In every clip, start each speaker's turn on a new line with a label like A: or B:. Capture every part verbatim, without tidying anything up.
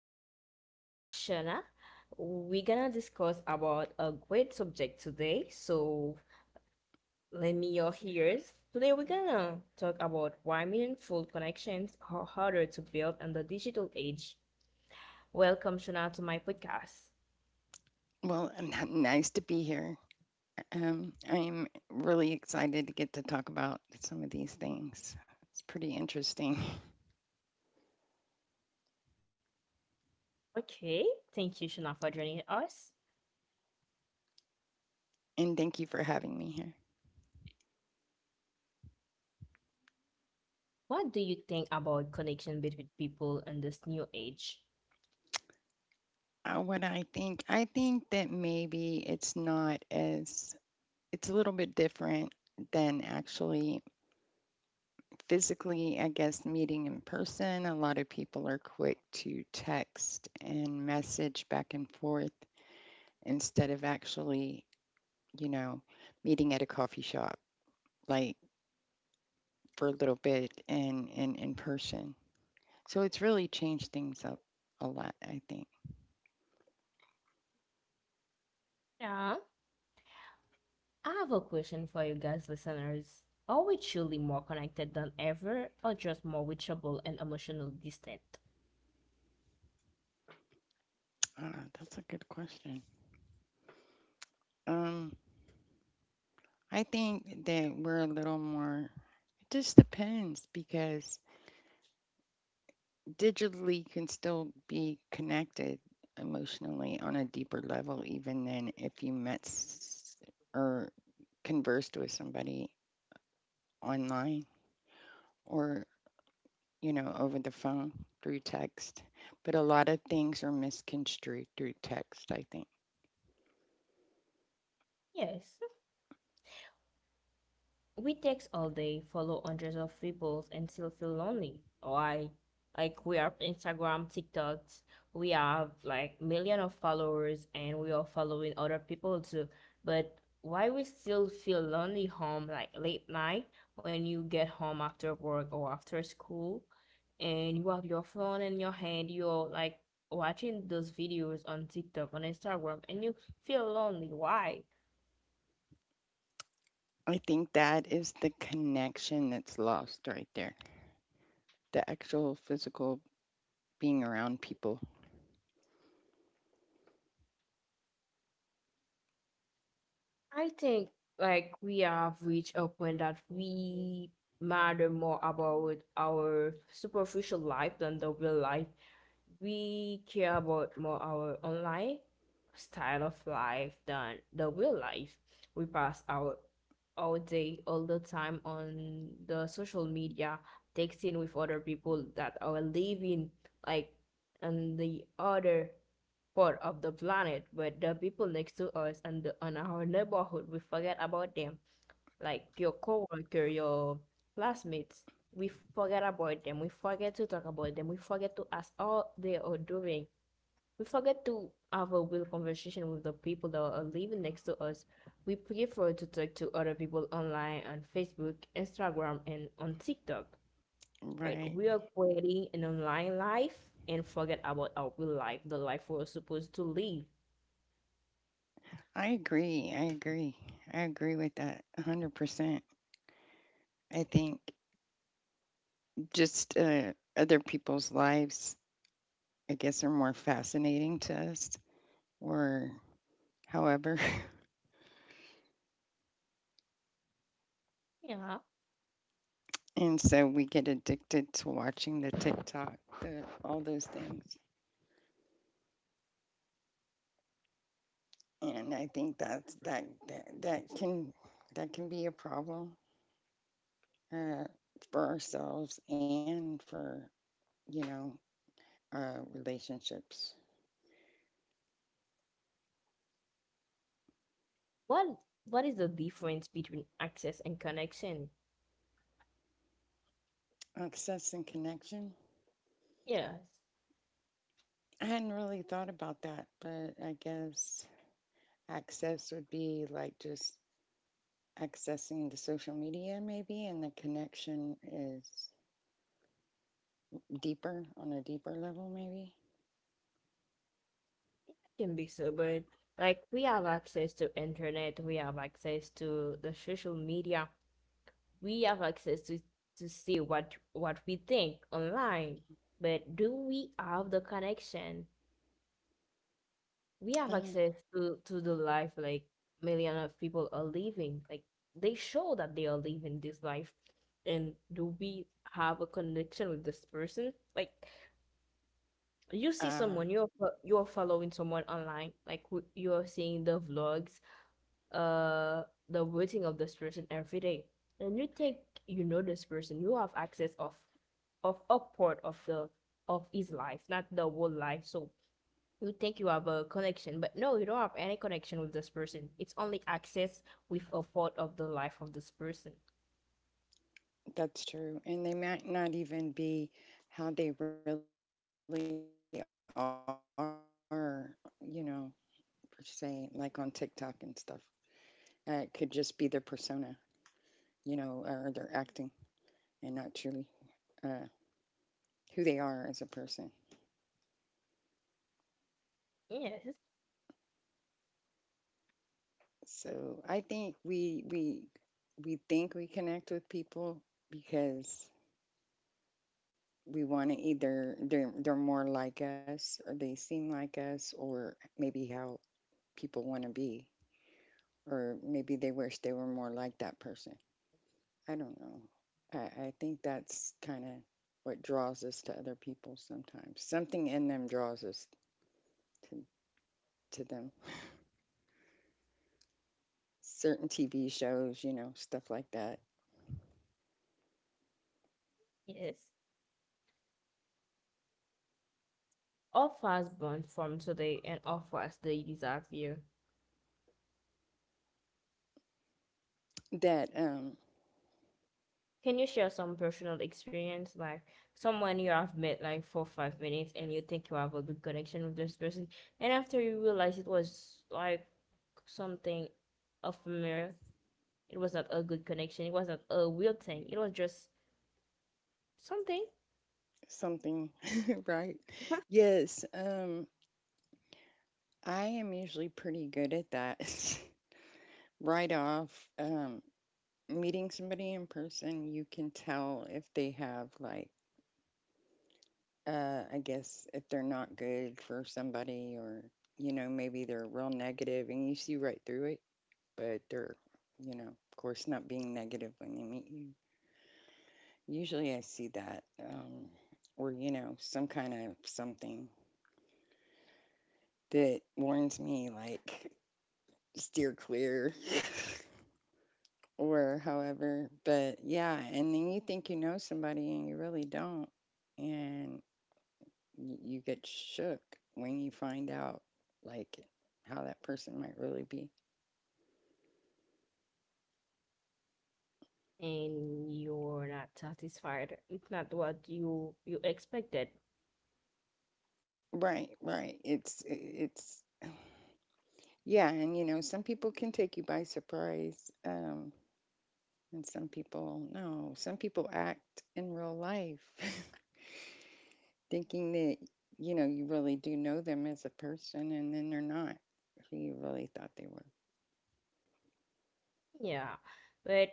A: guest, I have Shana. We're gonna discuss about a great subject today. So, lend me your ears. Today, we're gonna talk about why meaningful connections are harder to build in the digital age. Welcome, Shana, to my podcast.
B: Well, n- Nice to be here. Um, I'm really excited to get to talk about some of these things. It's pretty interesting.
A: Okay, thank you, Shana, for joining us.
B: And thank you for having me here.
A: What do you think about connection between people in this new age?
B: Uh, what I think, I think that maybe it's not as, it's a little bit different than actually physically, I guess, meeting in person. A lot of people are quick to text and message back and forth instead of actually, you know, meeting at a coffee shop. Like, for a little bit in in in person. So it's really changed things up a lot, I think.
A: I have a question for you guys, listeners. Are we truly more connected than ever, or just more reachable and emotionally distant?
B: Uh, that's a good question. Um, I think that we're a little more. It just depends because digitally you can still be connected emotionally on a deeper level, even than if you met s- or conversed with somebody online or, you know, over the phone through text, but a lot of things are misconstrued through text, I think.
A: Yes. We text all day, follow hundreds of people, and still feel lonely. Why? Like we are Instagram, TikToks. We have like million of followers, and we are following other people too. But why we still feel lonely home, like late night when you get home after work or after school, and you have your phone in your hand, you're like watching those videos on TikTok, on Instagram, and you feel lonely. Why?
B: I think that is the connection that's lost right there. The actual physical being around people.
A: I think like we have reached a point that we matter more about our superficial life than the real life, we care about more our online style of life than the real life. We pass our all day, all the time on the social media, texting with other people that are living like on the other part of the planet, but the people next to us and the, on our neighborhood, we forget about them, like your coworker, your classmates. We forget about them. We forget to talk about them. We forget to ask all they are doing. We forget to have a real conversation with the people that are living next to us. We prefer to talk to other people online on Facebook, Instagram, and on TikTok. Like
B: Right.
A: we are creating an online life and forget about our real life, the life we're supposed to live.
B: I agree. I agree. I agree with that one hundred percent. I think just uh, other people's lives, I guess, are more fascinating to us or however. And so we get addicted to watching the TikTok, the, all those things. And I think that's that, that that can that can be a problem, uh, for ourselves and for, you know, uh, relationships.
A: What what is the difference between access and connection?
B: Access and connection.
A: Yes, it
B: I hadn't really thought about that, but I guess access would be like just accessing the social media maybe, and the connection is deeper, on a deeper level maybe.
A: can be so, but like we have access to internet, we have access to the social media, we have access to to see what what we think online. But do we have the connection? We have
B: Uh,
A: access to to the life, like million of people are living, like they show that they are living this life. And do we have a connection with this person? Like you see
B: uh,
A: someone, you're fo- you're following someone online, like who- you're seeing the vlogs, uh the routine of this person every day, and you think you know this person. You have access of of a part of the of his life, not the whole life. So you think you have a connection, but no, you don't have any connection with this person. It's only access with a thought of the life of this person.
B: That's true. And they might not even be how they really are, you know, per se, like on TikTok and stuff. Uh, it could just be their persona, you know, or, or their acting and not truly, uh, who they are as a person.
A: Yes,
B: So I think we, we, we think we connect with people because we want to, either they're, they're more like us, or they seem like us, or maybe how people want to be, or maybe they wish they were more like that person. I don't know. I, I think that's kind of what draws us to other people sometimes. Something in them draws us to, to them. Certain T V shows, you know, stuff like that.
A: yes. All fast born from today and all fast they disappear.
B: That um
A: Can you share some personal experience, like someone you have met like for five minutes and you think you have a good connection with this person, and after you realize it was like something of a mirror, it was not a good connection, it was not a real thing, it was just something,
B: Something. Right. Yes, um I am usually pretty good at that. Right off, um meeting somebody in person, you can tell if they have like, Uh, I guess, if they're not good for somebody, or you know, maybe they're real negative and you see right through it, but they're, you know, of course, not being negative when they meet you. Usually, I see that, um, or you know, some kind of something that warns me, like steer clear, or however. But yeah, and then you think you know somebody and you really don't, and y- you get shook when you find out like how that person might really be.
A: and you're not satisfied. It's not what you you expected.
B: Right, right. It's it's yeah, and you know, some people can take you by surprise. Um and some people no, some people act in real life thinking that, you know, you really do know them as a person, and then they're not who you really thought they were.
A: Yeah, but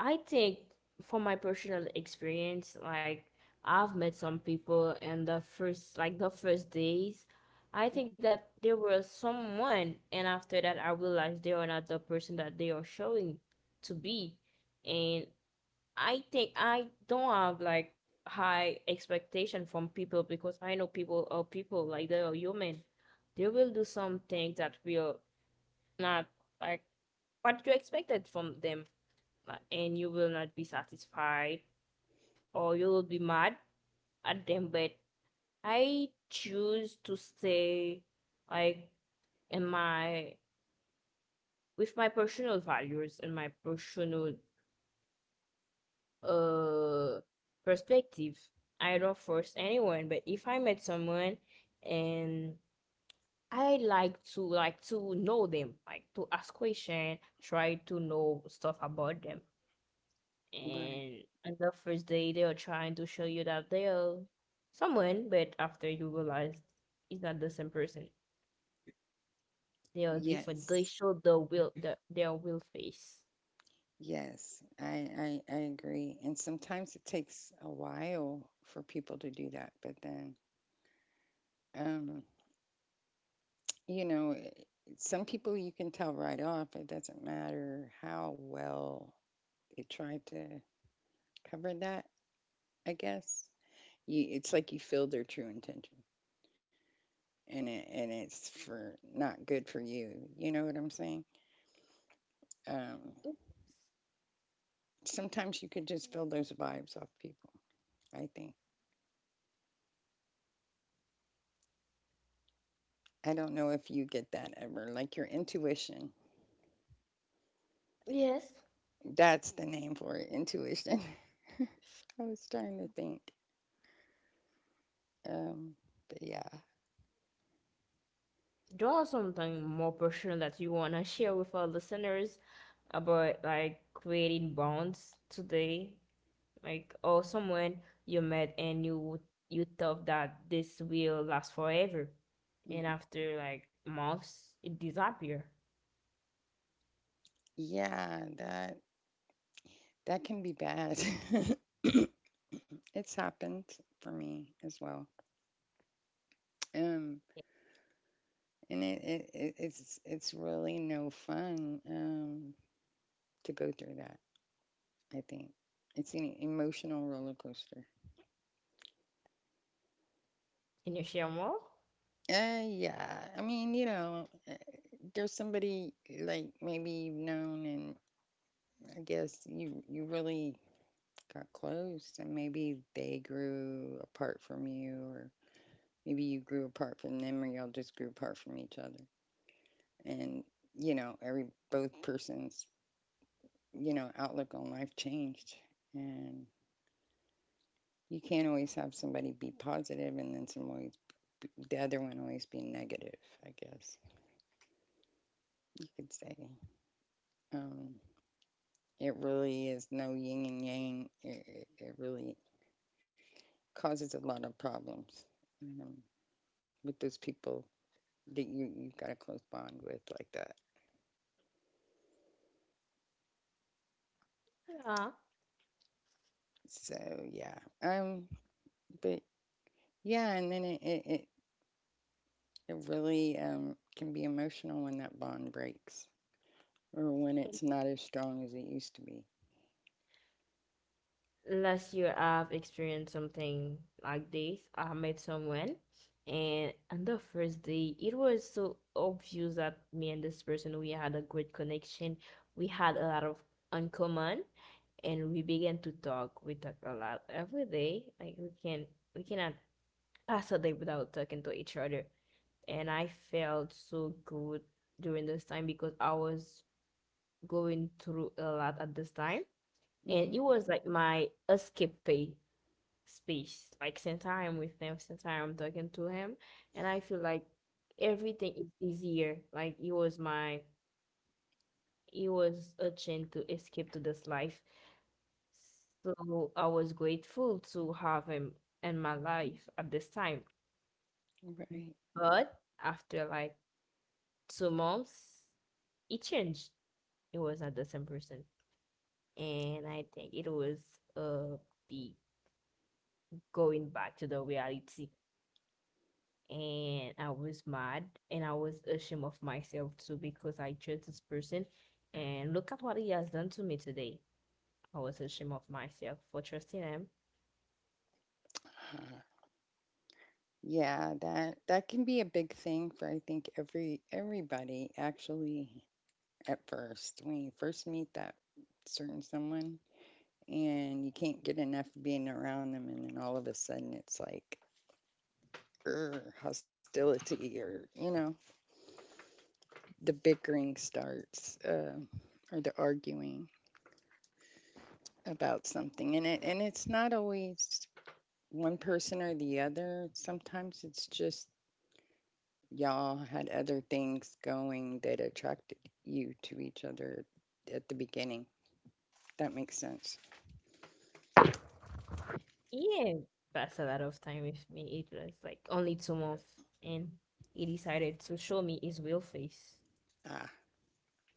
A: I think from my personal experience, like I've met some people in the first, like the first days, I think that there was someone and after that I realized they are not the person that they are showing to be. And I think I don't have like high expectation from people because I know people are people, like they are human. They will do some things that will not, like, what you expected from them, uh, and you will not be satisfied or you will be mad at them. But I choose to stay, like, in my with my personal values and my personal uh perspective. I don't force anyone, but if I met someone, and I like to like to know them, like to ask question, try to know stuff about them.
B: Right.
A: And on the first day, they are trying to show you that they are someone, but after you realize it's not the same person. They are different. They
B: Yes.
A: show the will, the, their will face.
B: Yes, I, I I agree. And sometimes it takes a while for people to do that, but then, um you know, it- some people you can tell right off, it doesn't matter how well they tried to cover that, I guess. You It's like you feel their true intention, and it and it's for not good for you. You know what I'm saying? Um
A: Oops.
B: Sometimes you could just feel those vibes off people, I think. I don't know if you get that ever, like your intuition.
A: Yes.
B: That's the name for it, intuition. I was trying to think. Um, but yeah.
A: Draw something more personal that you wanna share with our listeners about like creating bonds today, like or someone you met and you you thought that this will last forever, and
B: Mhm.
A: after like months, it disappear.
B: Yeah, that that can be bad. It's happened for me as well. Um, and it, it, it it's it's really no fun, um to go through that, I think. It's an emotional roller coaster.
A: Can you share more?
B: Uh, yeah. I mean, you know, uh, there's somebody like maybe you've known, and I guess you you really got close, and maybe they grew apart from you, or maybe you grew apart from them, or y'all just grew apart from each other. And you know, every, both persons, you know, outlook on life changed. And you can't always have somebody be positive and then some, always the other one always be negative, I guess you could say. um, it really is no yin and yang. it, it, really causes a lot of problems, um, with those people that you you've got a close bond with like that.
A: Yeah.
B: So yeah, um, but yeah, and then it it, it, it really, um can be emotional when that bond breaks, or when it's not as strong as it used to be.
A: Last year, I've experienced something like this. I met someone, and on the first day, it was so obvious that me and this person, we had a great connection. We had a lot of uncommon, and we began to talk. We talked a lot every day. Like we can, we cannot pass a day without talking to each other. And I felt so good during this time because I was going through a lot at this time, and
B: Hmm.
A: it was like my escape space. Like since I am with him, since I am talking to him, and I feel like everything is easier. Like it was my, it was a chance to escape to this life. So I was grateful to have him in my life at this time.
B: Right.
A: But after like two months, it changed. It was not the same person. And I think it was uh be going back to the reality, and I was mad, and I was ashamed of myself too, because I chose this person and look at what he has done to me today. I was ashamed of myself for trusting him.
B: Uh, yeah, that that can be a big thing for, I think, every everybody, actually. At first, when you first meet that certain someone, and you can't get enough being around them, and then all of a sudden it's like, or hostility, or you know, the bickering starts, uh, or the arguing about something. And it and it's not always one person or the other, sometimes it's just y'all had other things going that attracted you to each other at the beginning, that makes sense.
A: Yeah, that's a lot of time with me. It was like only two months, and he decided to show me his real face,
B: Ah.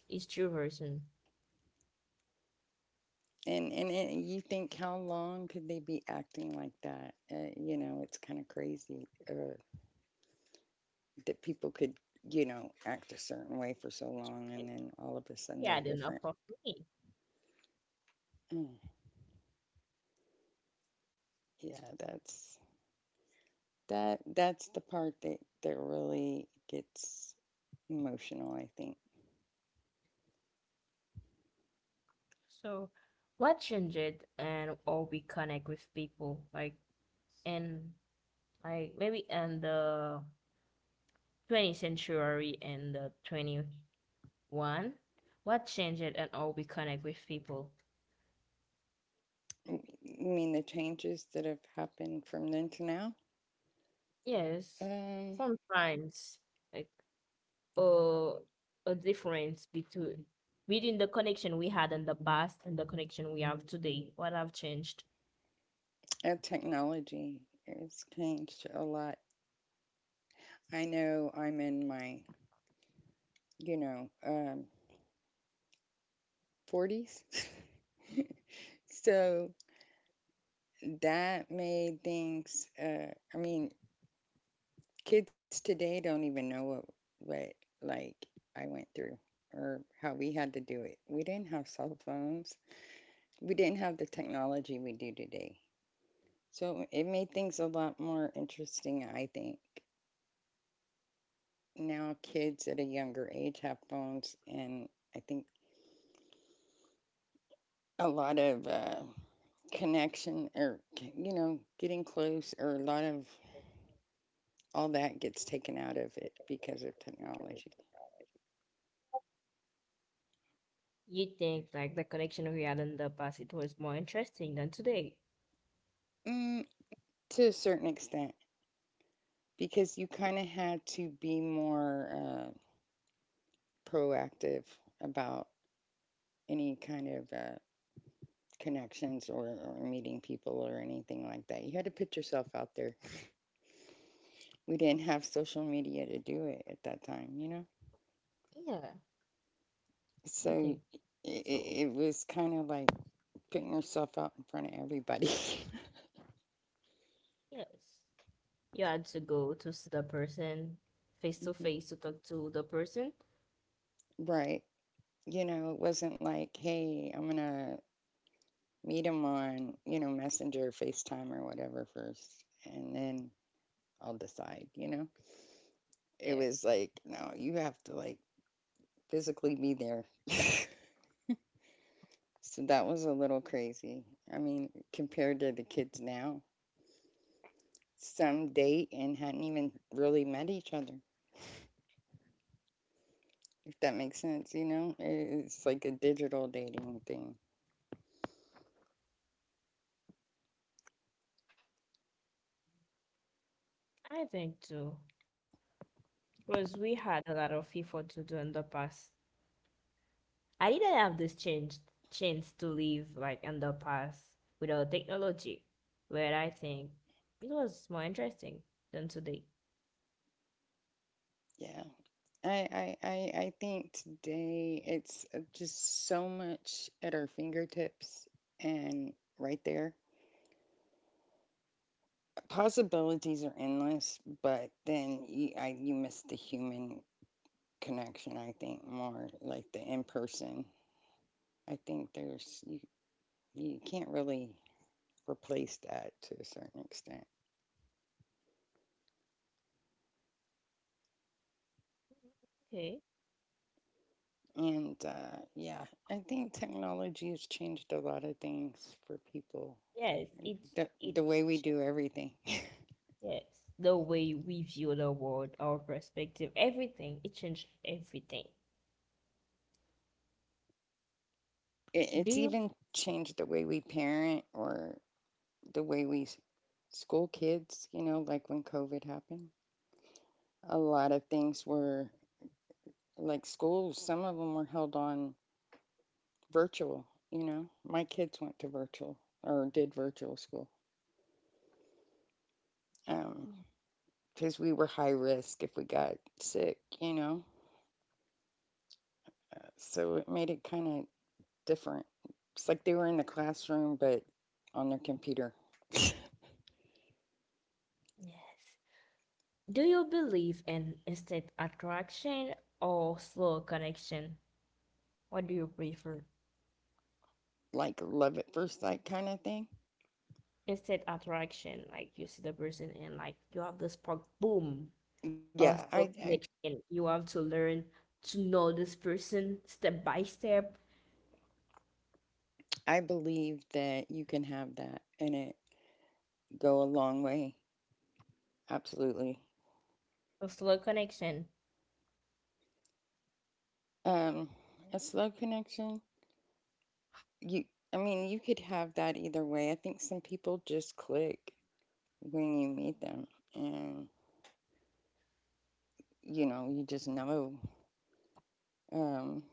A: his true version.
B: and and it, you think, how long could they be acting like that? Uh, you know, it's kind of crazy, uh, that people could, you know, act a certain way for so long
A: And
B: and then all of a sudden
A: he
B: they're
A: had enough
B: different.
A: of me.
B: Mm. Yeah, that's, that that's the part that that really gets emotional, I think.
A: So what changed and how we connect with people, like, and like maybe and the twentieth century and the twenty one, what changed and how we connect with people.
B: I mean, the changes that have happened from then to now.
A: Yes,
B: Um
A: sometimes, like, uh, a difference between between the connection we had in the past and the connection we have today, what have changed.
B: uh, Technology has changed a lot. I know I'm in my, you know, um forties. So that made things, uh I mean, kids today don't even know what what like, I went through or how we had to do it. We didn't have cell phones. We didn't have the technology we do today. So it made things a lot more interesting, I think. Now kids at a younger age have phones, and I think a lot of, uh, connection, or you know, getting close, or a lot of all that gets taken out of it because of technology.
A: You think like the connection we had in the past, it was more interesting than today?
B: Mm, to a certain extent, because you kind of had to be more, uh, proactive about any kind of, uh, connections, or, or meeting people or anything like that. You had to put yourself out there. We didn't have social media to do it at that time, you know?
A: Yeah, I
B: So
A: think
B: it,
A: so.
B: it was kind of like putting yourself out in front of everybody.
A: Yes, you had to go to see the person face to
B: Hmm.
A: face to talk to the person.
B: Right. You know, it wasn't like, hey, I'm going to meet him on, you know, Messenger, FaceTime, or whatever first. And then I'll decide, you know? It was
A: Yes.
B: like, no, you have to, like, physically be there. So that was a little crazy. I mean, compared to the kids now, some date and hadn't even really met each other, if that makes sense, you know? It's like a digital dating thing.
A: I think too, because we had a lot of effort to do in the past. I didn't have this change chance to live like in the past without technology, where I think it was more interesting than today.
B: Yeah. I, I, I, I think today it's, uh, just so much at our fingertips, and right there, possibilities are endless, but then you, I, you miss the human connection, I think, more like the in person. I think there's, you, you can't really replace that to a certain extent.
A: Okay.
B: And uh, yeah, I think technology has changed a lot of things for people.
A: Yes, it
B: The,
A: it
B: the way we
A: changed.
B: do everything.
A: Yes, the way we view the world, our perspective, everything, it changed everything.
B: It,
A: Do
B: it's
A: you?
B: even changed the way we parent, or the way we s- school kids, you know, like when COVID happened. A lot of things were like schools, some of them were held on virtual. You know, my kids went to virtual, or did virtual school, um,
A: Yeah.
B: because we were high risk if we got sick, you know, so it made it kind of different. It's like they were in the classroom but on their computer.
A: Yes. Do you believe in instant attraction or slow connection? What do you prefer?
B: Like love at first sight kind of thing.
A: Instant attraction, like you see the person and like you have the spark, boom, or
B: Yeah, I,
A: slow
B: I
A: connection. You have to learn to know this person step by step.
B: I believe that you can have that and it go a long way. Absolutely.
A: Or slow connection.
B: Um, a slow connection, you, I mean, you could have that either way. I think some people just click when you meet them, and you know, you just know, um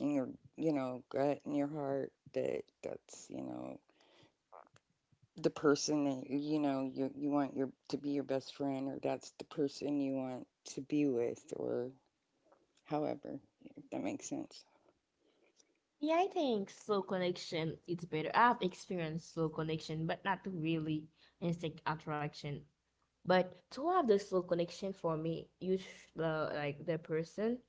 B: in your, you know, gut and your heart, that that's, you know, the person that, you know, you you want your to be your best friend, or that's the person you want to be with, or however, if that makes sense.
A: Yeah, I think slow connection it's better. I've experienced slow connection, but not really instant attraction. But to have the slow connection for me, you sh- the like the person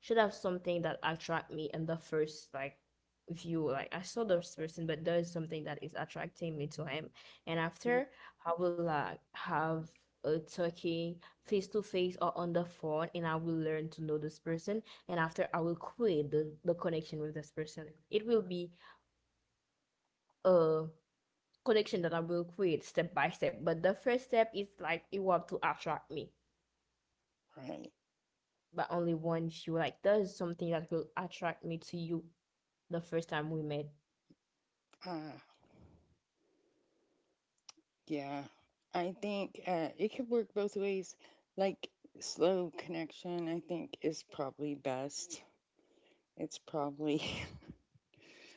A: should have something that attract me in the first, like, view. Like I saw this person, but there is something that is attracting me to him. And
B: Yeah.
A: after I will like have a talking face to face or on the phone, and I will learn to know this person, and after I will create the, the connection with this person. It will be a connection that I will create step by step. But the first step is like you have to attract me.
B: Right.
A: But only once you, like, there's something that will attract me to you the first time we met.
B: Uh, Yeah, I think, uh, it could work both ways. Like slow connection, I think, is probably best. It's probably,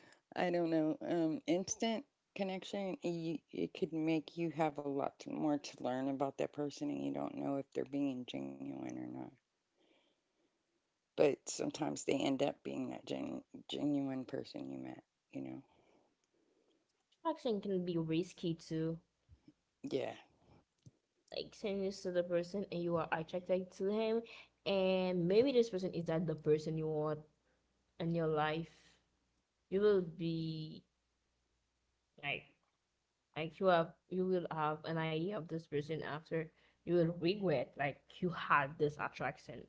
B: I don't know. Um, instant connection, you, it could make you have a lot to- more to learn about that person, and you don't know if they're being genuine or not. But sometimes they end up being that gen- genuine person you met. You know?
A: Attraction can be risky too.
B: Yeah.
A: Like saying this to the person and you are attracted to him, and maybe this person is not the person you want in your life. You will be, like, like you have you will have an idea of this person. After, you will regret like you had this attraction.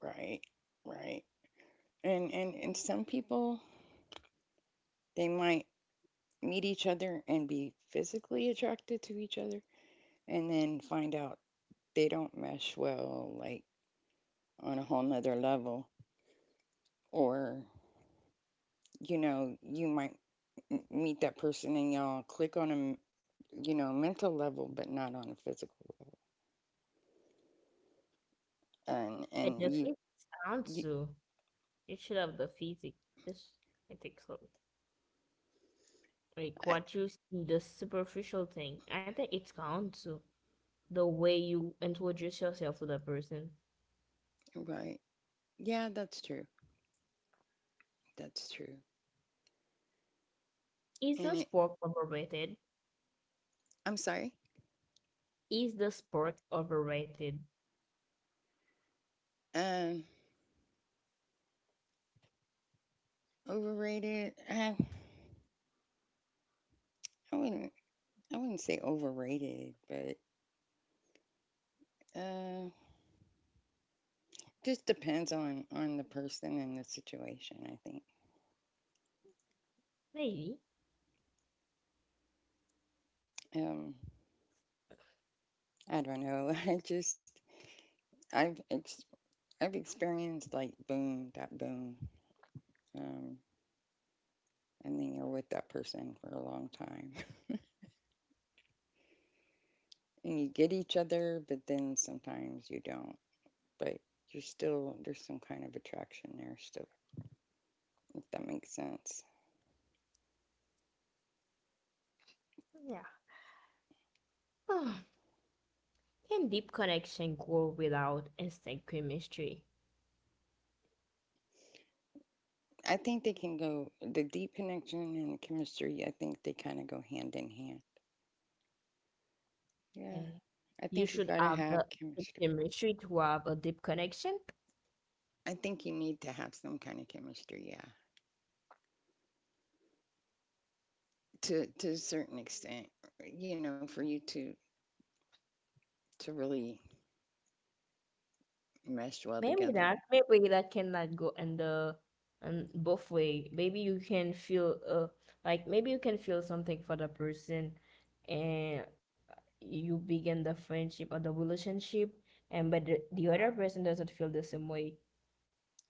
B: Right. Right. And and and some people they might meet each other and be physically attracted to each other and then find out they don't mesh well, like on a whole nother level. Or, you know, you might meet that person and y'all click on a, you know, mental level, but not on a physical level. And,
A: But the
B: and you,
A: physics aren't
B: you
A: so. You should have the physics. This, I think so. Like
B: I,
A: what you see, the superficial thing, I think it's gone too. The way you introduce yourself to the person.
B: right. Yeah, that's true. That's true.
A: Is the
B: And it,
A: sport overrated?
B: I'm sorry.
A: Is the sport overrated?
B: Um, Overrated. I, I wouldn't, I wouldn't say overrated, but, uh, just depends on on the person and the situation. I think.
A: Maybe.
B: Um, I don't know. I just I've ex- I've experienced like boom that boom. Um, and then you're with that person for a long time, and you get each other, but then sometimes you don't. But you're still there's some kind of attraction there still. If that makes sense.
A: Yeah. Ah, Can deep connection grow without instant chemistry?
B: I think they can go the deep connection and the chemistry. I think they kind of go hand in hand. Yeah,
A: Eh,
B: I
A: You
B: think you
A: should
B: gotta
A: have
B: have
A: the
B: chemistry.
A: chemistry to have a deep connection.
B: I think you need to have some kind of chemistry, yeah. To to a certain extent, you know, for you to to really mesh well
A: Maybe
B: together.
A: that, maybe that cannot go and the and both way. Maybe you can feel uh like maybe you can feel something for the person and you begin the friendship or the relationship, and but the, the other person doesn't feel the same way,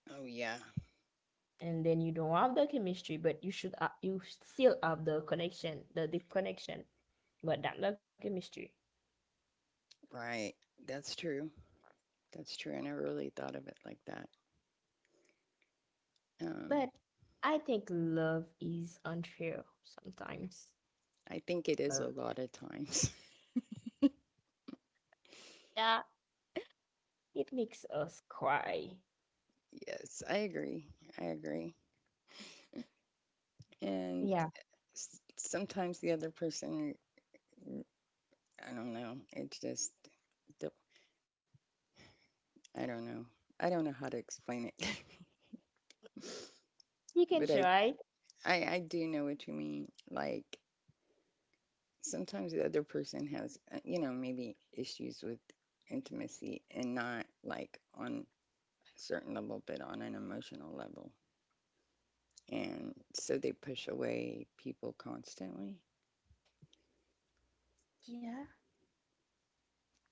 B: Oh yeah,
A: and then you don't have the chemistry, but you should uh, you still have the connection, the deep connection, but not the chemistry.
B: right. That's true. That's true. I never really thought of it like that. Um,
A: But I think love is unfair sometimes.
B: I think it is
A: Uh,
B: a lot of times.
A: yeah, it makes us cry.
B: Yes, I agree. I agree. And
A: Yeah.
B: s- sometimes the other person, I don't know. It's just, the- I don't know. I don't know how to explain it.
A: You can
B: but I,
A: try.
B: I, I do know what you mean. Like sometimes the other person has uh, you know maybe issues with intimacy and not like on a certain level but on an emotional level, and so they push away people constantly,
A: Yeah,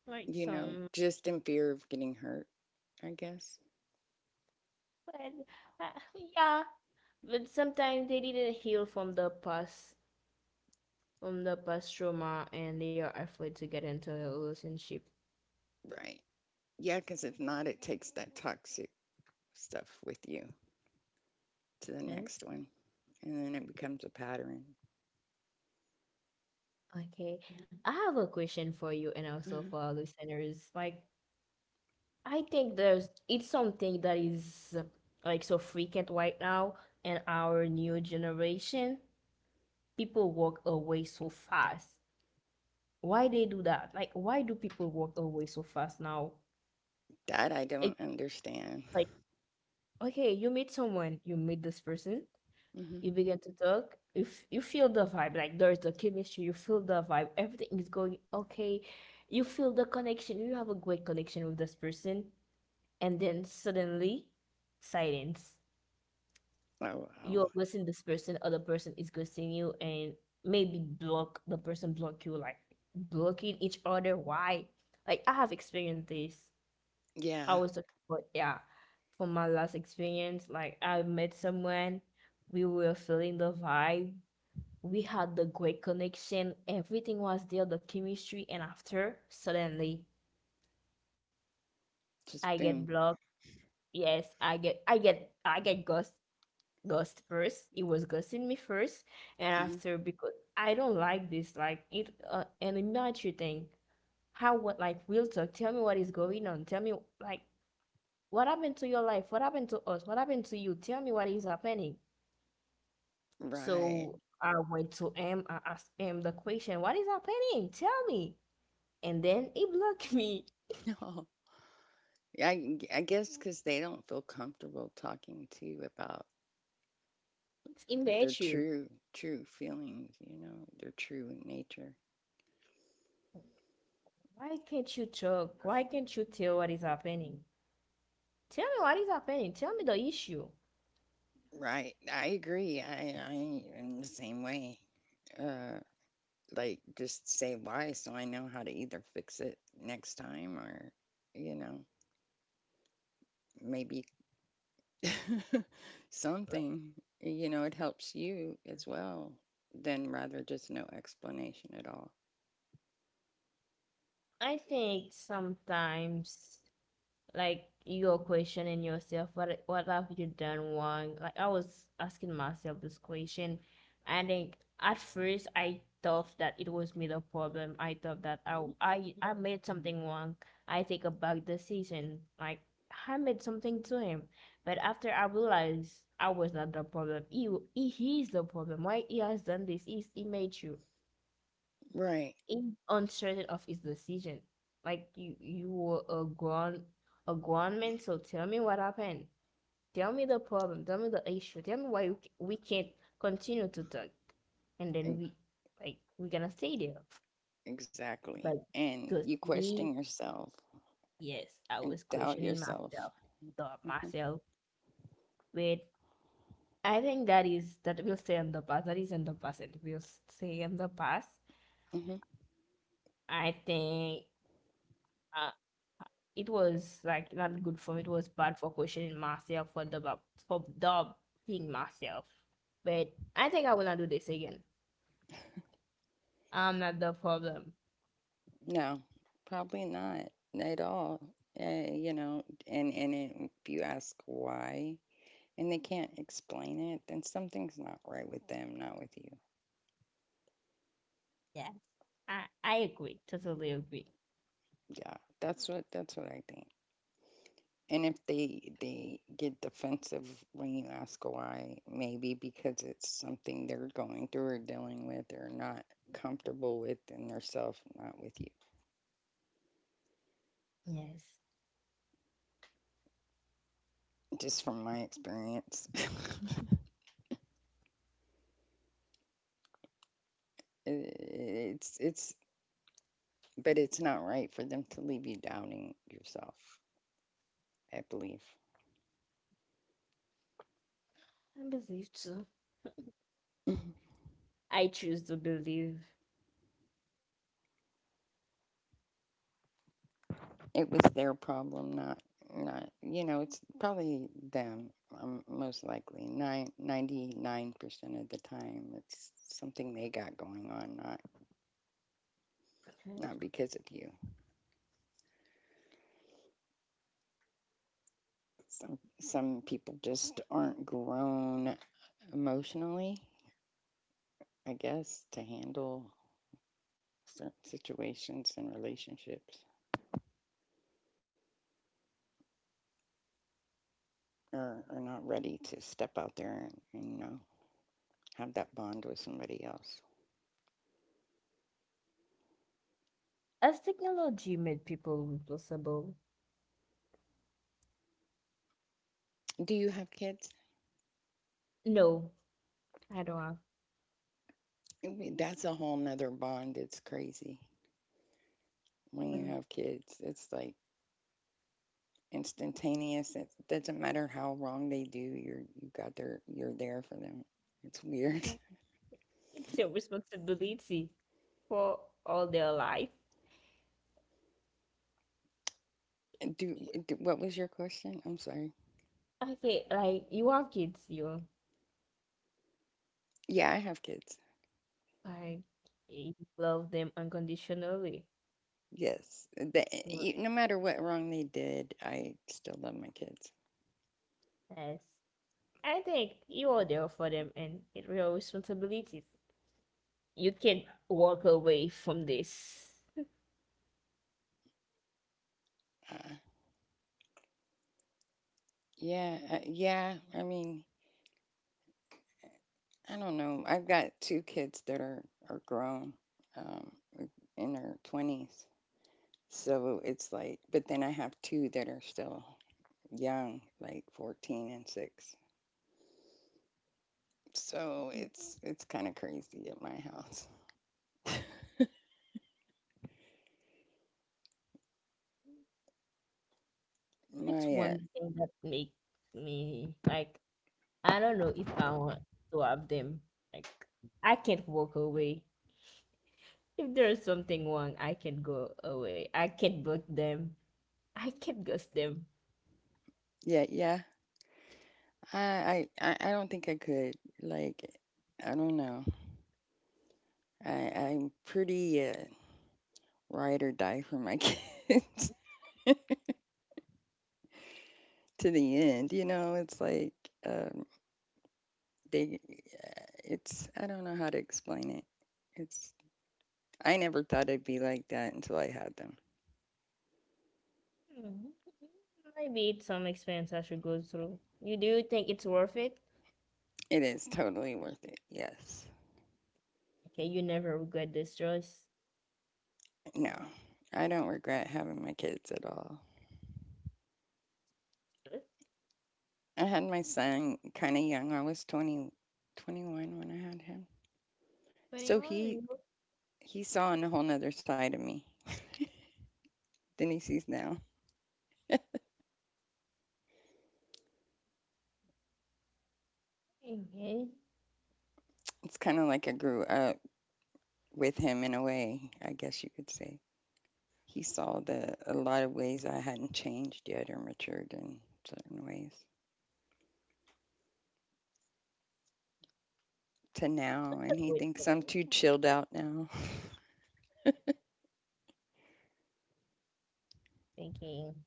A: like
B: you know,
A: some.
B: just in fear of getting hurt, I guess.
A: But uh, yeah, but sometimes they didn't heal from the past, from the past trauma, and they are afraid to get into a relationship.
B: Right. Yeah, because if not, it takes that toxic stuff with you to the next
A: Yes.
B: one, and then it becomes a pattern.
A: Okay. I have a question for you, and also
B: Mhm.
A: for our listeners. Like, I think there's it's something that is uh, like so frequent right now in our new generation. People walk away so fast. Why they do that? Like why do people walk away so fast now?
B: That I
A: It's
B: don't understand.
A: like, okay, you meet someone, you meet this person,
B: Hmm.
A: you begin to talk, if you feel the vibe, like there's the chemistry, you feel the vibe, everything is going okay, you feel the connection, you have a great connection with this person, and then suddenly silence.
B: Oh wow.
A: You're ghosting this person, other person is ghosting you, and maybe block the person, block you, like blocking each other. Why? Like I have experienced this. I
B: Yeah,
A: was talking about, yeah, for my last experience, like I met someone, we were feeling the vibe, we had the great connection, everything was there, the chemistry, and after, suddenly
B: just
A: I
B: boom.
A: get blocked. Yes, I get, I get, I get ghost, ghost first. It was ghosting me first, and
B: Mhm.
A: after, because I don't like this, like it, uh, an immature thing. How what like real talk? Tell me what is going on. Tell me like what happened to your life? What happened to us? What happened to you? Tell me what is happening.
B: Right.
A: So I went to him. I asked him the question, "What is happening? Tell me." And then he blocked me.
B: No. I, g- I guess because they don't feel comfortable talking to you about
A: It's
B: their
A: immature.
B: true, true feelings, you know, their true nature.
A: Why can't you talk? Why can't you tell what is happening? Tell me what is happening. Tell me the issue.
B: Right. I agree. I, I am the same way. Uh, like, just say why so I know how to either fix it next time or, you know, maybe
A: Like,
B: something, you know, it helps you as well, than rather just no explanation at all.
A: I think sometimes like you're questioning yourself. What what have you done wrong? Like I was asking myself this question, and then at first I thought that it was me the problem, I thought that i i, I made something wrong, I take a bad decision, like I made something to him, but after I realized I was not the problem. he, he is the problem. Why he has done this? He's, he made you
B: Right.
A: in uncertain of his decision. Like you, you were a grown, a grown man. So tell me what happened. Tell me the problem. Tell me the issue. Tell me why you, c- we can't continue to talk. And then we, like, we're gonna stay there.
B: Exactly.
A: But
B: And
A: because
B: you
A: me,
B: question yourself
A: yes, I
B: and
A: was
B: doubt
A: questioning
B: yourself.
A: myself, the
B: Hmm.
A: myself. But I think that is that will stay in the past. That is in the past. It will stay in the past.
B: Hmm.
A: I think. uh, it was like not good for me. It was bad for questioning myself, for the for doubting myself. But I think I will not do this again. I'm not the problem.
B: No, probably not at all. Uh, you know, and, and it, if you ask why and they can't explain it, then something's not right with them, not with you.
A: Yes. I, I agree. Totally agree.
B: Yeah, that's what that's what I think. And if they they get defensive when you ask why, maybe because it's something they're going through or dealing with or not comfortable with in their self, not with you.
A: Yes.
B: Just from my experience. it's it's But it's not right for them to leave you doubting yourself, I believe.
A: I believe so. I choose to believe.
B: It was their problem, not not you know, it's probably them, um, most likely. nine ninety nine percent of the time it's something they got going on, not
A: Okay.
B: not because of you. Some some people just aren't grown emotionally, I guess, to handle certain situations and relationships. Are, are not ready to step out there and, and you know, have that bond with somebody else.
A: Has technology made people impossible?
B: Do you have kids?
A: No, I don't have.
B: I mean, that's a whole nother bond. It's crazy when you
A: Mm.
B: have kids. It's like instantaneous. It doesn't matter how wrong they do. You're you got there. You're there for them. It's weird.
A: Yeah. It's your responsibility for all their life.
B: Do,
A: Y-
B: do what was your question? I'm sorry.
A: Okay, like you have kids, you
B: Yeah, I have kids.
A: I love them unconditionally.
B: Yes, the, e- no matter what wrong they did, I still love my kids.
A: Yes. I think you are there for them and it's your responsibilities. You can't walk away from this.
B: Uh, yeah, uh, yeah. I mean, I don't know. I've got two kids that are are grown, um, in their twenties. So it's like, but then I have two that are still young, like fourteen and six. So
A: Yeah.
B: it's it's kind of crazy at my house.
A: It's
B: My uh,
A: one thing that makes me like I don't know if I want to have them. Like I can't walk away. If there's something wrong, I can't go away. I can't block them. I can't ghost them.
B: Yeah, yeah. I, I I I don't think I could like. I don't know. I I'm pretty uh, ride or die for my kids to the end. You know, it's like. Um, they It's I don't know how to explain it. It's I never thought it'd be like that until I had them.
A: Hmm, maybe it's some expense I should go through. You do think it's worth it?
B: It is totally worth it. Yes.
A: Okay, you never regret this choice.
B: No. I don't regret having my kids at all.
A: Good
B: I had my son kind of young. I was twenty, twenty-one when I had him.
A: for
B: So
A: you,
B: he
A: you're
B: he saw a whole nother side of me than he sees now.
A: thinking.
B: It's kind of like I grew up with him in a way, I guess you could say. He saw that a lot of ways I hadn't changed yet or matured in certain ways to now,
A: It's
B: and
A: a
B: he
A: good
B: thinks I'm
A: thing.
B: too chilled out now.
A: Thinking.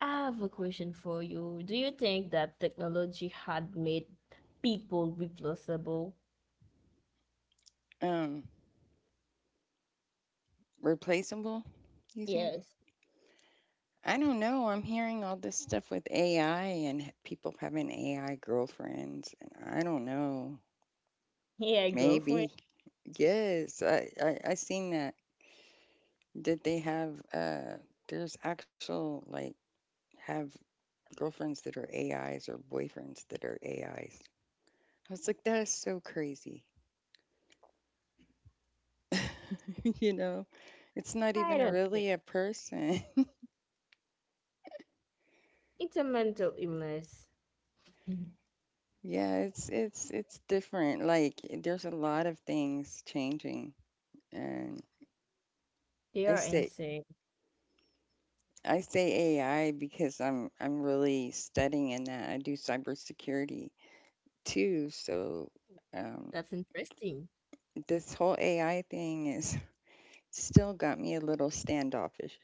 A: I have a question for you. Do you think that technology had made people replaceable?
B: um, Replaceable, you think?
A: Yes.
B: I don't know. I'm hearing all this stuff with A I and people having A I girlfriends, and I don't know.
A: Yeah, girlfriend.
B: Maybe. Yes, I, I, I seen that. Did they have, uh, there's actual, like, have girlfriends that are A Is or boyfriends that are A Is. I was like, that is so crazy. You know, it's not
A: I
B: even
A: don't
B: a,
A: think.
B: really a person.
A: It's a mental illness.
B: Yeah, it's it's it's different. Like there's a lot of things changing, and
A: They
B: I
A: are
B: say
A: insane.
B: I say A I because I'm I'm really studying in that. I do cybersecurity too, so um,
A: That's interesting.
B: this whole A I thing is still got me a little standoffish.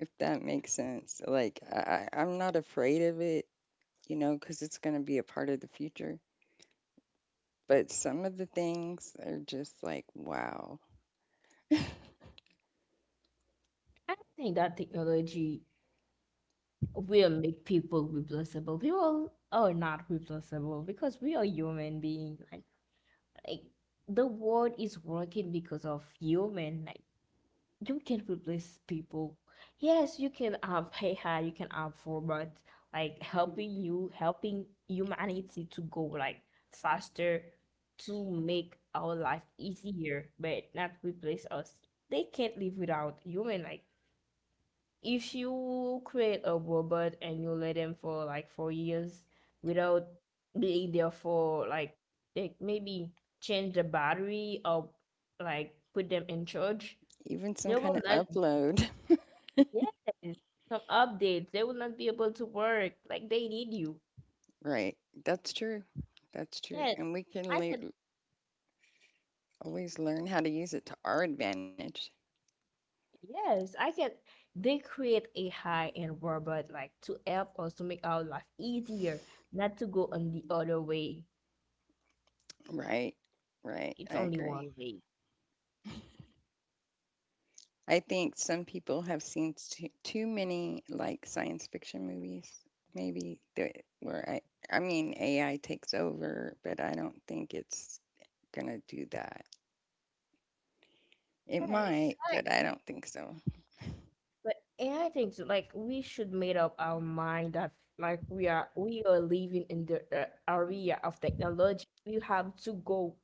B: If that makes sense, like I, I- I'm not afraid of it. You know, because it's going to be a part of the future. But some of the things are just like, wow.
A: I don't think that technology we'll make people replaceable. People are not replaceable because we are human beings. Like, like the world is working because of human. Like you can replace people. Yes, you can have A I, you can have robots, like helping you, helping humanity to go like faster, to make our life easier, but not replace us. They can't live without human. Like if you create a robot and you let them for like four years without being there for like like maybe change the battery or like put them in charge,
B: Even some
A: they will
B: kind of
A: not
B: upload.
A: yes some updates. They will not be able to work. Like they need you.
B: Right. That's true. That's true.
A: Yes.
B: And we can
A: I can
B: le- always learn how to use it to our advantage.
A: yes, I can they create a high-end robot like to help us to make our life easier, not to go on the other way.
B: Right.
A: It's
B: Right.
A: only
B: I
A: one
B: agree.
A: way.
B: I think some people have seen too, too many like science fiction movies. Maybe the, where I, I mean, A I takes over, but I don't think it's going to do that. It
A: Yes.
B: might, but I don't think so.
A: But and I think so, like we should made up our mind that like we are we are living in the uh, area of technology. We have to go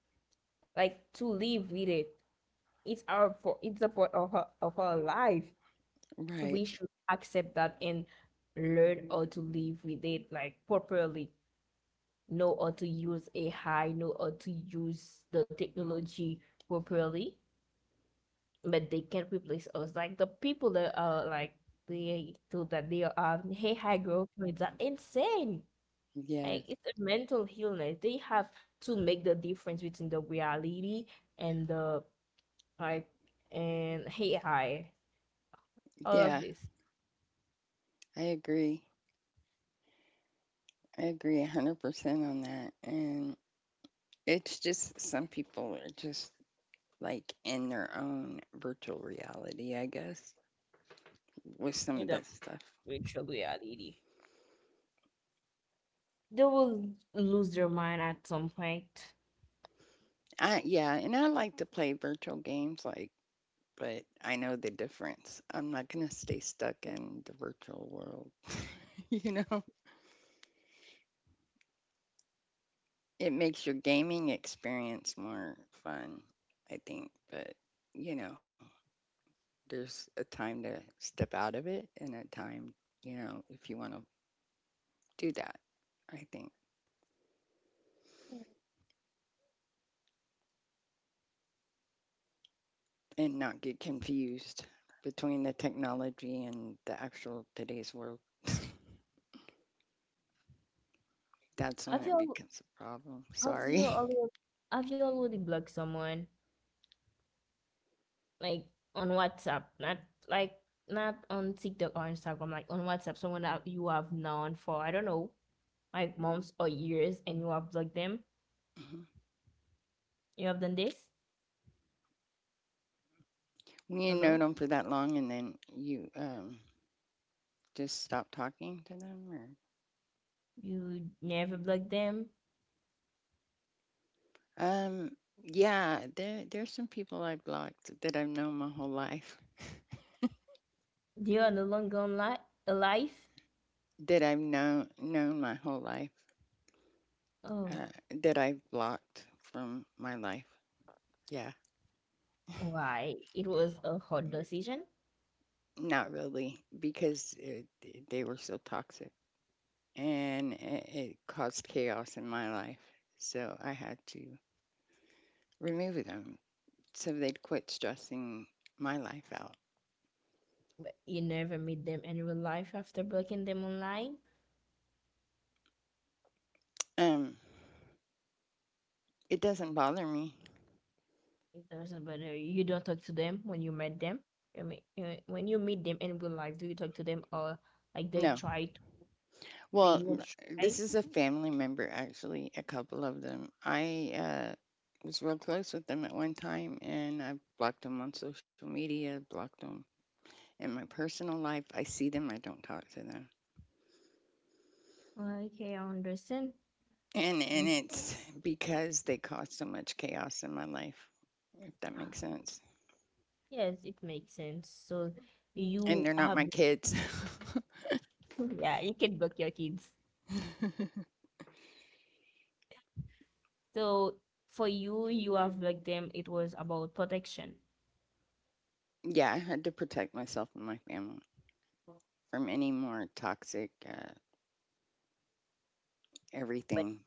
A: like to live with it. It's our for it's a part of our of our life.
B: Right.
A: We should accept that and learn how to live with it like properly. Know how to use A I. Know how to use the technology properly, but they can't replace us. Like the people that are like they do that, they are um, hey high growth rates are insane.
B: Yes.
A: Like it's a mental illness. They have to make the difference between the reality and the like and hey high. All of
B: Yeah,
A: this
B: I agree. I agree one hundred percent on that. And it's just some people are just like in their own virtual reality, I guess, with some
A: in
B: of
A: the
B: that stuff.
A: virtual reality. They will lose their mind at some point.
B: I Yeah, and I like to play virtual games like but I know the difference. I'm not going to stay stuck in the virtual world, you know. It makes your gaming experience more fun, I think, but you know, there's a time to step out of it and a time, you know, if you want to do that, I think, and not get confused between the technology and the actual today's world. That's when
A: Have you
B: it
A: al-
B: becomes a problem.
A: have
B: Sorry.
A: you already have you already blocked someone like on WhatsApp? Not like not on TikTok or Instagram, like on WhatsApp, someone that you have known for I don't know, like months or years, and you have blocked them.
B: Mhm.
A: You have done this?
B: When you know
A: Hello?
B: them for that long and then you um, just stop talking to them or.
A: You never blocked them?
B: Um, yeah, there there's some people I blocked that I've known my whole life.
A: You are no longer onli- Alive.
B: That I've known known my whole life.
A: Oh,
B: uh, that I've blocked from my life. Yeah,
A: why? It was a hard decision,
B: not really, because it, they were so toxic and it, it caused chaos in my life. So I had to remove them so they'd quit stressing my life out.
A: but you never meet them in real life after blocking them online.
B: Um, it doesn't bother me.
A: It doesn't matter. You don't talk to them when you met them. I mean, uh, when you meet them in real life, do you talk to them or like they
B: No.
A: tried? They
B: Well,
A: didn't
B: n-
A: try.
B: this is a family member, actually, a couple of them. I uh, Was real close with them at one time and I blocked them on social media, blocked them in my personal life. I see them, I don't talk to them.
A: Okay, I understand.
B: and
A: And
B: and
A: s-
B: it's because they cause so much chaos in my life, if that makes sense.
A: Yes, it makes sense. So
B: And
A: you
B: they're not
A: have,
B: my kids.
A: yeah, you can block your kids. So for you, you have blocked them. It was about protection.
B: Yeah, I had to protect myself and my family from any more toxic uh,
A: But
B: everything.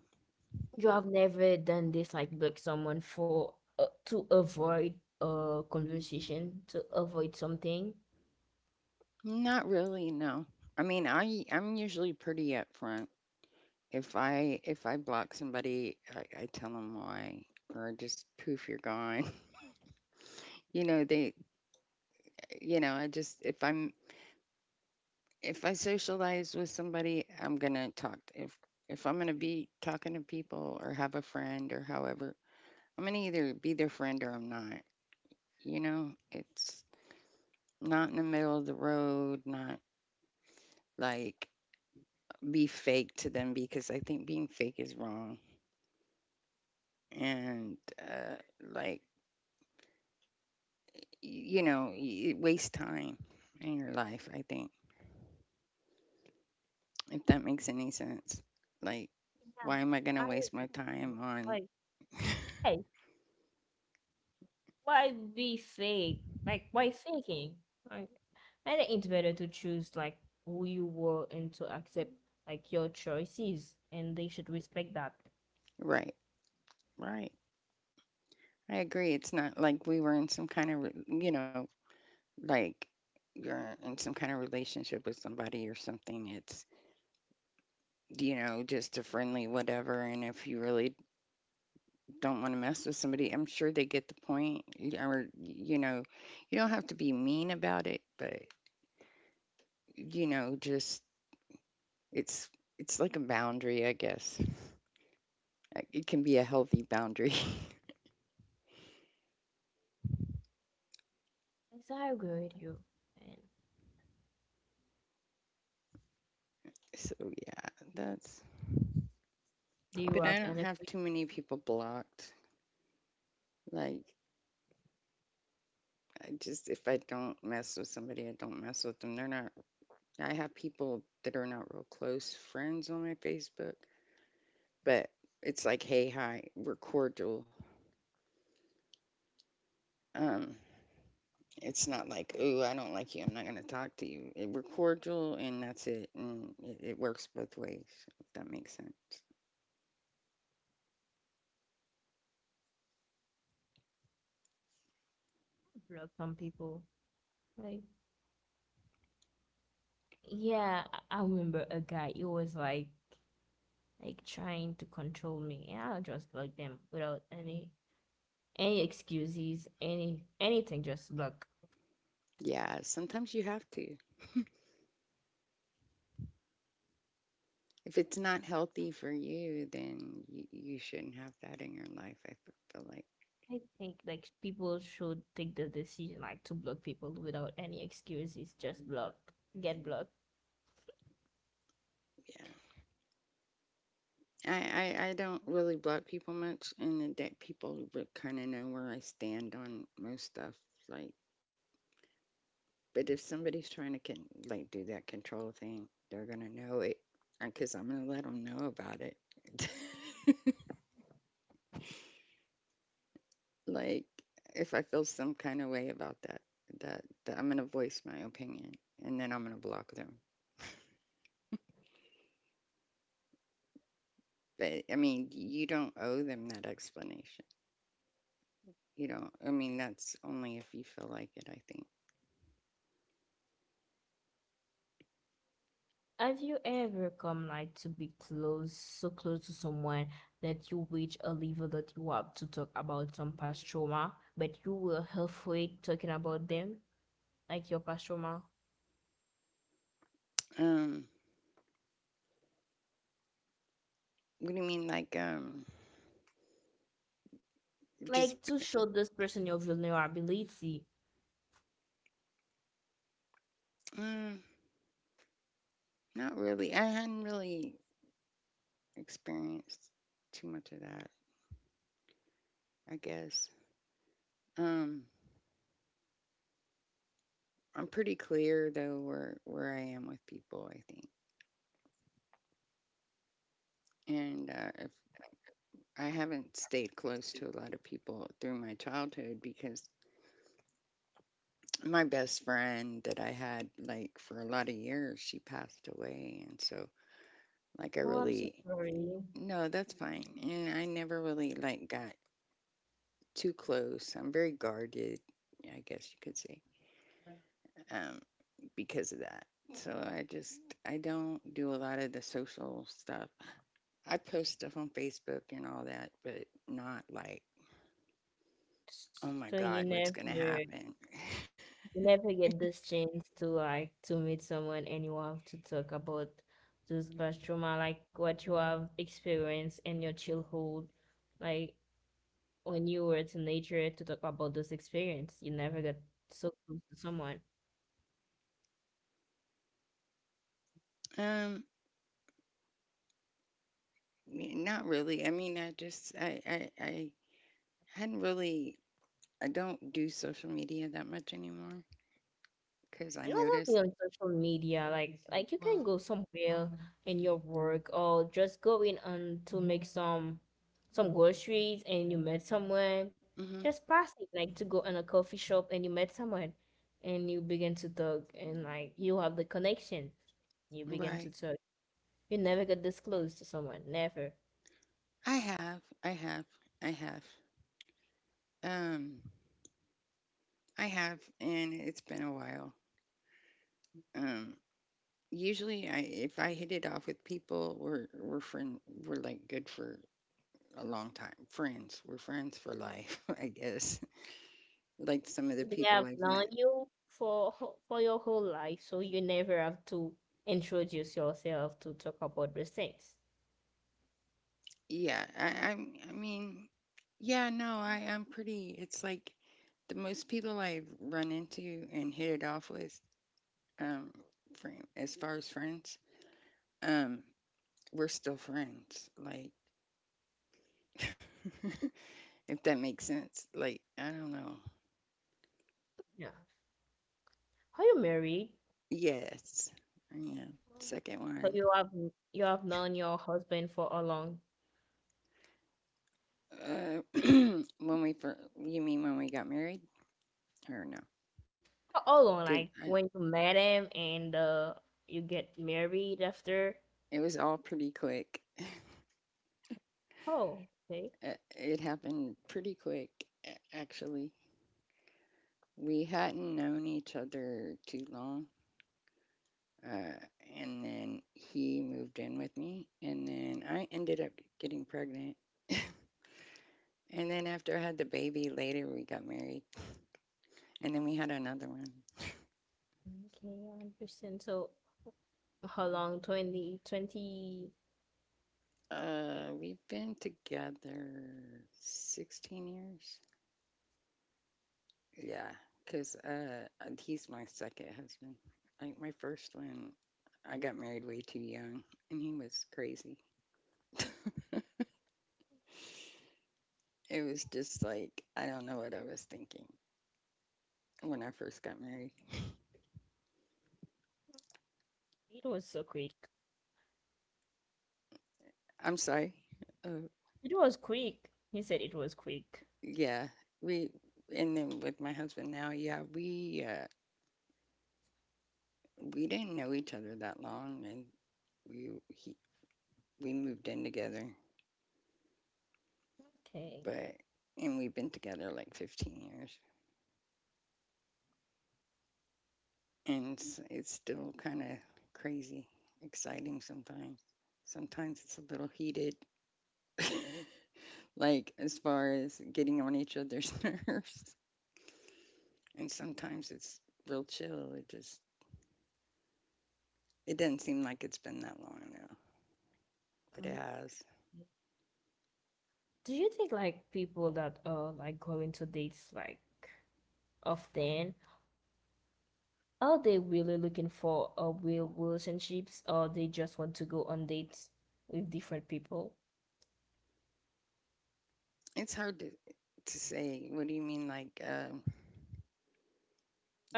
A: you have never done this, like block someone for uh, to avoid a conversation, to avoid something.
B: Not really, no. I mean, i i'm usually pretty upfront. If i if i block somebody, i, I tell them why, or just poof, you're gone. you know they you know I just if i'm if I socialize with somebody, I'm gonna talk. To, if if I'm gonna be talking to people or have a friend or however, I'm gonna either be their friend or I'm not. You know, it's not in the middle of the road. Not like be fake to them, because I think being fake is wrong, and uh, like y- you know, y- it wastes time in your life. I think, if that makes any sense, like why
A: Yeah,
B: am I gonna
A: I
B: waste
A: agree
B: my
A: with
B: time
A: you.
B: on
A: Like, hey, why be fake? Like, why faking? Like, I think it's better to choose like who you were and to accept like your choices, and they should respect that.
B: right, right? I agree. It's not like we were in some kind of, re- you know, like you're in some kind of relationship with somebody or something. It's, you know, just a friendly whatever. And if you really don't want to mess with somebody, I'm sure they get the point. y- Or, you know, you don't have to be mean about it, but, you know, just it's, it's like a boundary, I guess. Uh, It can be a healthy boundary.
A: Yes, I agree with you. And
B: So, yeah, that's,
A: do you
B: but
A: have
B: I don't
A: any?
B: have too many people blocked. Like, I just if I don't mess with somebody, I don't mess with them. They're not. I have people that are not real close friends on my Facebook, but it's like, hey, hi, we're cordial. Um, it's not like, ooh, I don't like you. I'm not gonna talk to you. It- we're cordial, and that's it. And it, it works both ways. If that makes sense.
A: Block some people. Like yeah, I- I remember a guy. He was like like trying to control me, and I just block them without any any excuses, any anything. Just block.
B: Yeah. Sometimes you have to. If it's not healthy for you, then you, you shouldn't have that in your life. I f- feel like,
A: I think like people should take the decision like to block people without any excuses. Just block, get blocked.
B: yeah. I, I, I don't really block people much, and that people would kind of know where I stand on most stuff. Like, but if somebody's trying to can like do that control thing, they're gonna know it, because I'm gonna let them know about it. like, if I feel some kind of way about that, that, that I'm gonna voice my opinion, and then I'm gonna block them. But I mean, you don't owe them that explanation. You don't. I mean, that's only if you feel like it. I think.
A: Have you ever come like to be close, So close to someone that you reach a level that you have to talk about some past trauma, but you were halfway talking about them? Like your past trauma,
B: Um, what do you mean, like um?
A: like
B: Just been,
A: to show this person your vulnerability.
B: mm, not really. I hadn't really experienced too much of that. I guess. Um, I'm pretty clear though where where I am with people. I think, and uh, if I haven't stayed close to a lot of people through my childhood because my best friend that I had like for a lot of years, she passed away, and so like I
A: Oh, I'm so
B: really
A: sorry.
B: no, that's fine. And I never really like got too close. I'm very guarded. I guess you could say. Um, because of that. So I just I don't do a lot of the social stuff. I post stuff on Facebook and all that, but not like, oh my
A: So you
B: God, what's
A: never,
B: gonna
A: you
B: happen?
A: never get this chance to like to meet someone and you have to talk about this past trauma, like what you have experienced in your childhood, like when you were to nature to talk about this experience. You never get so close to someone.
B: Um, Not really. I mean, I just I I, I hadn't really. I don't do social media that much anymore because I
A: Not only
B: noticed.
A: on social media, like like you can
B: Well,
A: go somewhere in your work or just go in and to make some some groceries and you met someone.
B: mm hmm,
A: Just passing, like to go in a coffee shop and you met someone and you begin to talk and like you have the connection. You begin to
B: right.
A: talk. You never get this close to someone, never.
B: I have, I have, I have. Um, I have, and it's been a while. Um, Usually, I if I hit it off with people, we're we're friend we're like good for a long time. Friends, we're friends for life, I guess. Like some of the
A: They have
B: people I've
A: known
B: met.
A: you for wh- for your whole life, so you never have to introduce yourself to talk about these things.
B: Yeah, I I'm, I mean, yeah, no, I I'm pretty. It's like the most people I've run into and hit it off with, um, fr as far as friends, um, we're still friends. Like, if that makes sense. Like, I don't know.
A: Yeah. Are you married?
B: Yes, I know. Second
A: So
B: one.
A: you have you have known your husband for how long?
B: Uh, when we fir- you mean when we got married or no?
A: How how long?
B: Did
A: Like
B: I,
A: when you met him and uh, you get married after?
B: it was all pretty quick.
A: Oh, okay.
B: Uh, It happened pretty quick, a- actually. We hadn't known each other too long, uh, and then he moved in with me, and then I ended up getting pregnant. And then after I had the baby, later we got married, and then we had another one.
A: Okay, I understand. So how long? Twenty, twenty. It
B: Uh, we've been together sixteen years. Yeah, because uh, uh, he's my second husband. Like my first one, I got married way too young, and he was crazy. It was just like I don't know what I was thinking when I first got married.
A: it was so quick.
B: I'm sorry. Uh,
A: It was quick. He said it was quick.
B: yeah, we and then with my husband now, yeah, we uh, we didn't know each other that long, and we he, we moved in together,
A: Okay.
B: but and we've been together like fifteen years. And it's, it's still kind of crazy, exciting sometimes. Sometimes it's a little heated, like as far as getting on each other's nerves, and sometimes it's real chill. It just it doesn't seem like it's been that long now, but it
A: Mm.
B: has.
A: Do you think like people that are like going to dates like often? Are they really looking for a real relationships or they just want to go on dates with different people?
B: It's hard to to say. What do you mean? Like, um,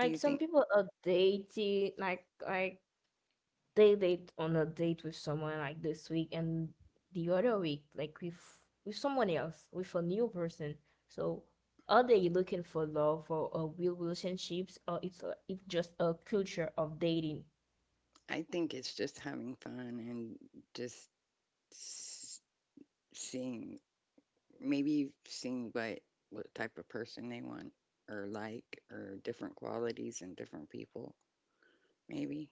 B: do you
A: some
B: think?
A: people are dating like like they date on a date with someone like this week and the other week like with with someone else, with a new person. So are they looking for love or a real relationships or it's a, it's just a culture of dating?
B: I think it's just having fun and just seeing maybe seeing what what type of person they want or like or different qualities in different people. Maybe,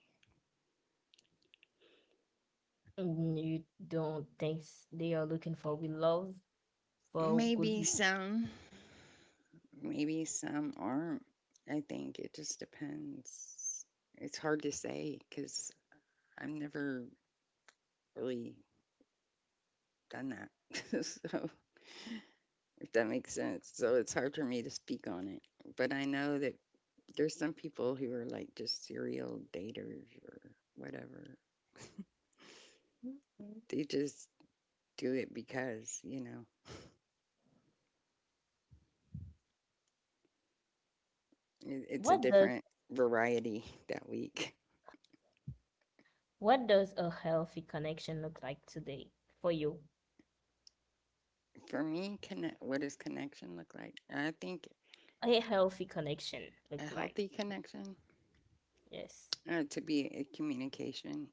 A: Mm, you don't think s- they are looking for real love for
B: maybe
A: good?
B: some, maybe some aren't. I think it just depends. It's hard to say because I've never really done that. So if that makes sense, so it's hard for me to speak on it. But I know that there's some people who are like just serial daters or whatever. They just do it because, you know, it, it's a
A: What does
B: different variety that week.
A: what does a healthy connection look like today for you?
B: For me, connect, what does connection look like? I think
A: A healthy connection
B: a
A: look like?
B: healthy connection
A: Yes.
B: uh, to be a communication,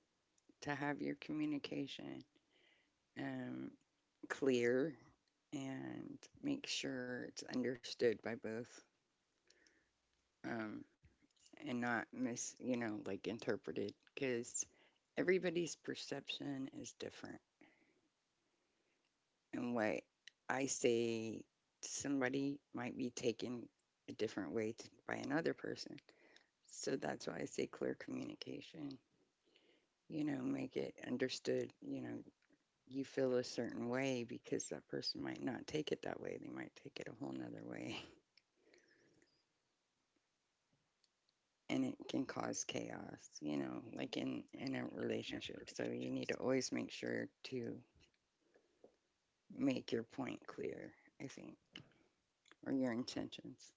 B: to have your communication um, clear and make sure it's understood by both, um, and not mis, you know, like interpreted because everybody's perception is different. And what I say to somebody might be taken a different way t by another person. So that's why I say clear communication, you know, make it understood, you know, you feel a certain way because that person might not take it that way. They might take it a whole nother way. And it can cause chaos, you know, like in, in a relationship. So you need to always make sure to make your point clear, I think, or your intentions.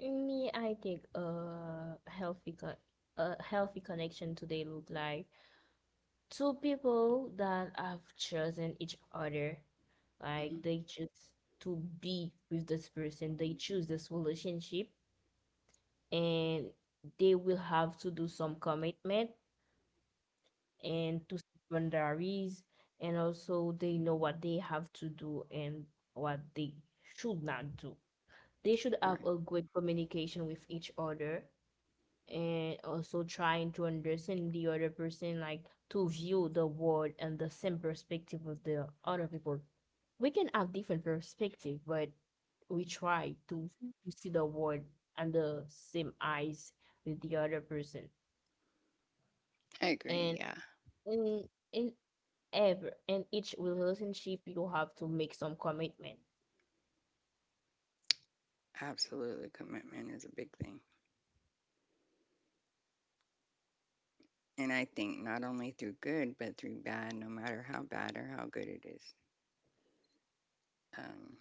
A: Me, I think a healthy con a healthy connection today look like two people that have chosen each other.
B: Hmm.
A: Like they choose to be with this person, they choose this relationship, and they will have to do some commitment and to secondaries, and also they know what they have to do and what they should not do. They should have
B: Right.
A: a good communication with each other, and also trying to understand the other person, like to view the world and the same perspective of the other people. We can have different perspective, but we try to, to see the world under same eyes with the other person.
B: I agree.
A: And
B: Yeah.
A: in in ever and each relationship you have to make some commitment.
B: Absolutely, commitment is a big thing. And I think not only through good, but through bad, no matter how bad or how good it is. Um,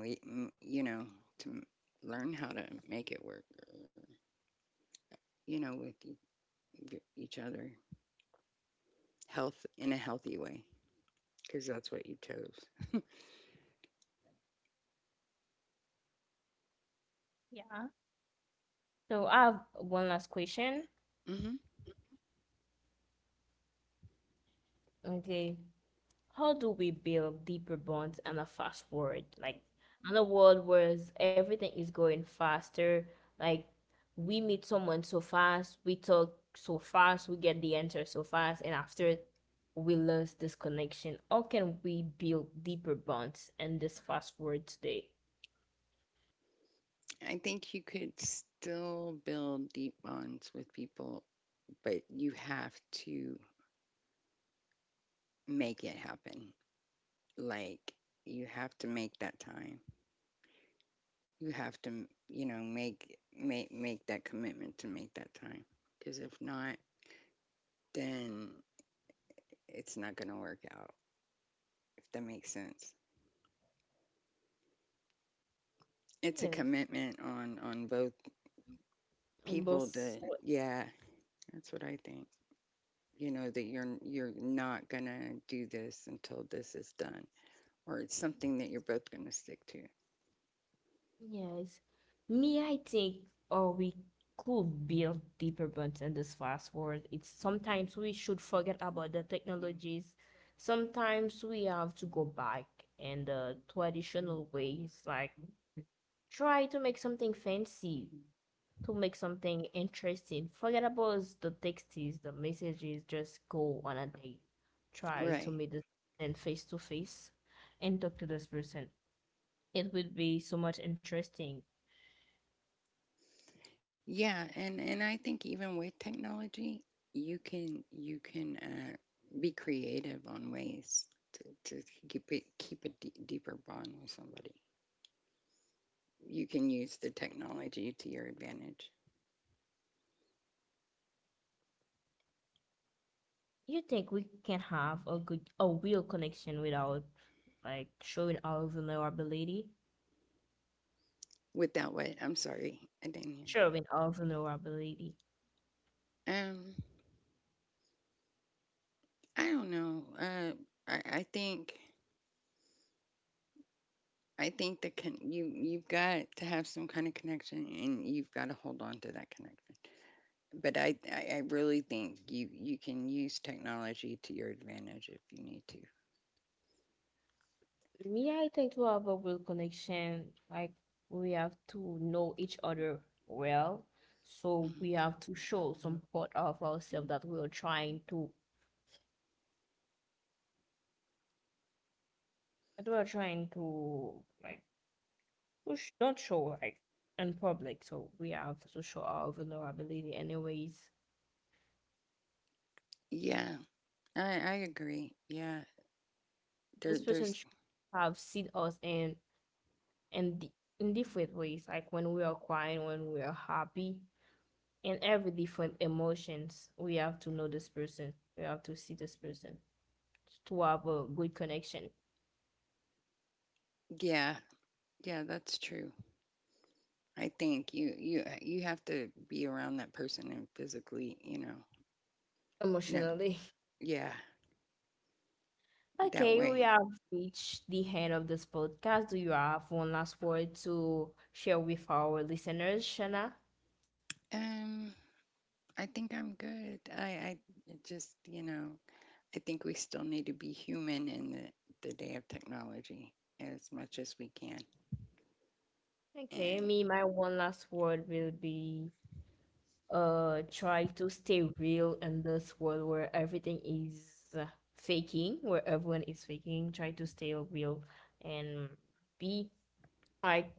B: we, m- you know, to m- learn how to make it work, uh, you know, with e- e- each other, health in a healthy way, because that's what you chose.
A: So I have one last question.
B: Hmm.
A: Okay, how do we build deeper bonds and a fast forward, like in a world where everything is going faster, like we meet someone so fast, we talk so fast, we get the answer so fast, and after we lose this connection. How can we build deeper bonds in this fast forward today?
B: I think you could still build deep bonds with people, but you have to make it happen. Like, you have to make that time, you have to, you know, make make make that commitment to make that time, because if not, then it's not going to work out, if that makes sense. It's a
A: Yes
B: commitment on on both
A: and
B: people
A: both.
B: to, yeah, that's what I think. You know that you're you're not going to do this until this is done, or it's something that you're both going to stick to.
A: Yes. Me, I think, or we could build deeper bonds in this fast world. It's sometimes we should forget about the technologies. Sometimes we have to go back and the traditional ways, like try to make something fancy, to make something interesting. Forget about the texts, the messages, just go on a date. Try to
B: Right.
A: meet the person face to face and talk to this person. It would be so much interesting.
B: Yeah, and and I think even with technology, you can you can uh, be creative on ways to, to keep it, keep a d- deeper bond with somebody. You can use the technology to your advantage.
A: You think we can have a good, a real connection without like showing our vulnerability?
B: Without what? I'm sorry, I didn't hear.
A: Showing our vulnerability.
B: Um, I don't know. Uh, I, I think I think that con- you, you've got to have some kind of connection, and you've got to hold on to that connection. But I, I, I really think you, you can use technology to your advantage if you need to.
A: Yeah, I think to have a real connection, like we have to know each other well. So
B: Mhm.
A: we have to show some part of ourselves that we are trying to, that we are trying to like, push, not show like in public. So we have to show our vulnerability anyways.
B: Yeah, I, I agree. Yeah, there,
A: This person
B: there's,
A: should have seen us and and di- in different ways, like when we are crying, when we are happy, in every different emotions. We have to know this person. We have to see this person to have a good connection
B: yeah, yeah, that's true. I think you, you, you have to be around that person and physically, you know, no,
A: emotionally.
B: yeah, that
A: Okay, we
B: way.
A: have reached the end of this podcast. Do you have one last word to share with our listeners, Shana?
B: Um, I think I'm good. I, I it just, you know, I think we still need to be human in the, the day of technology as much as we can.
A: Okay,
B: And
A: me, my one last word will be uh try to stay real in this world where everything is uh, faking, where everyone is faking. Try to stay real and be like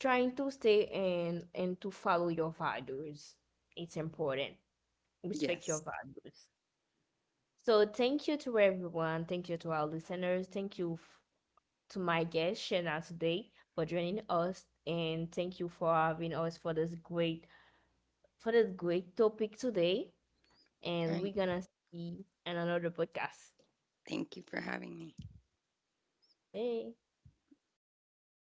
A: trying to stay and and to follow your values. It's important. Respect
B: yes,
A: your values. So thank you to everyone, thank you to our listeners, thank you f- to my guest Shana today for joining us, and thank you for having us for this great for this great topic today, and
B: and
A: we're gonna see in another podcast.
B: thank you for having me.
A: Hey.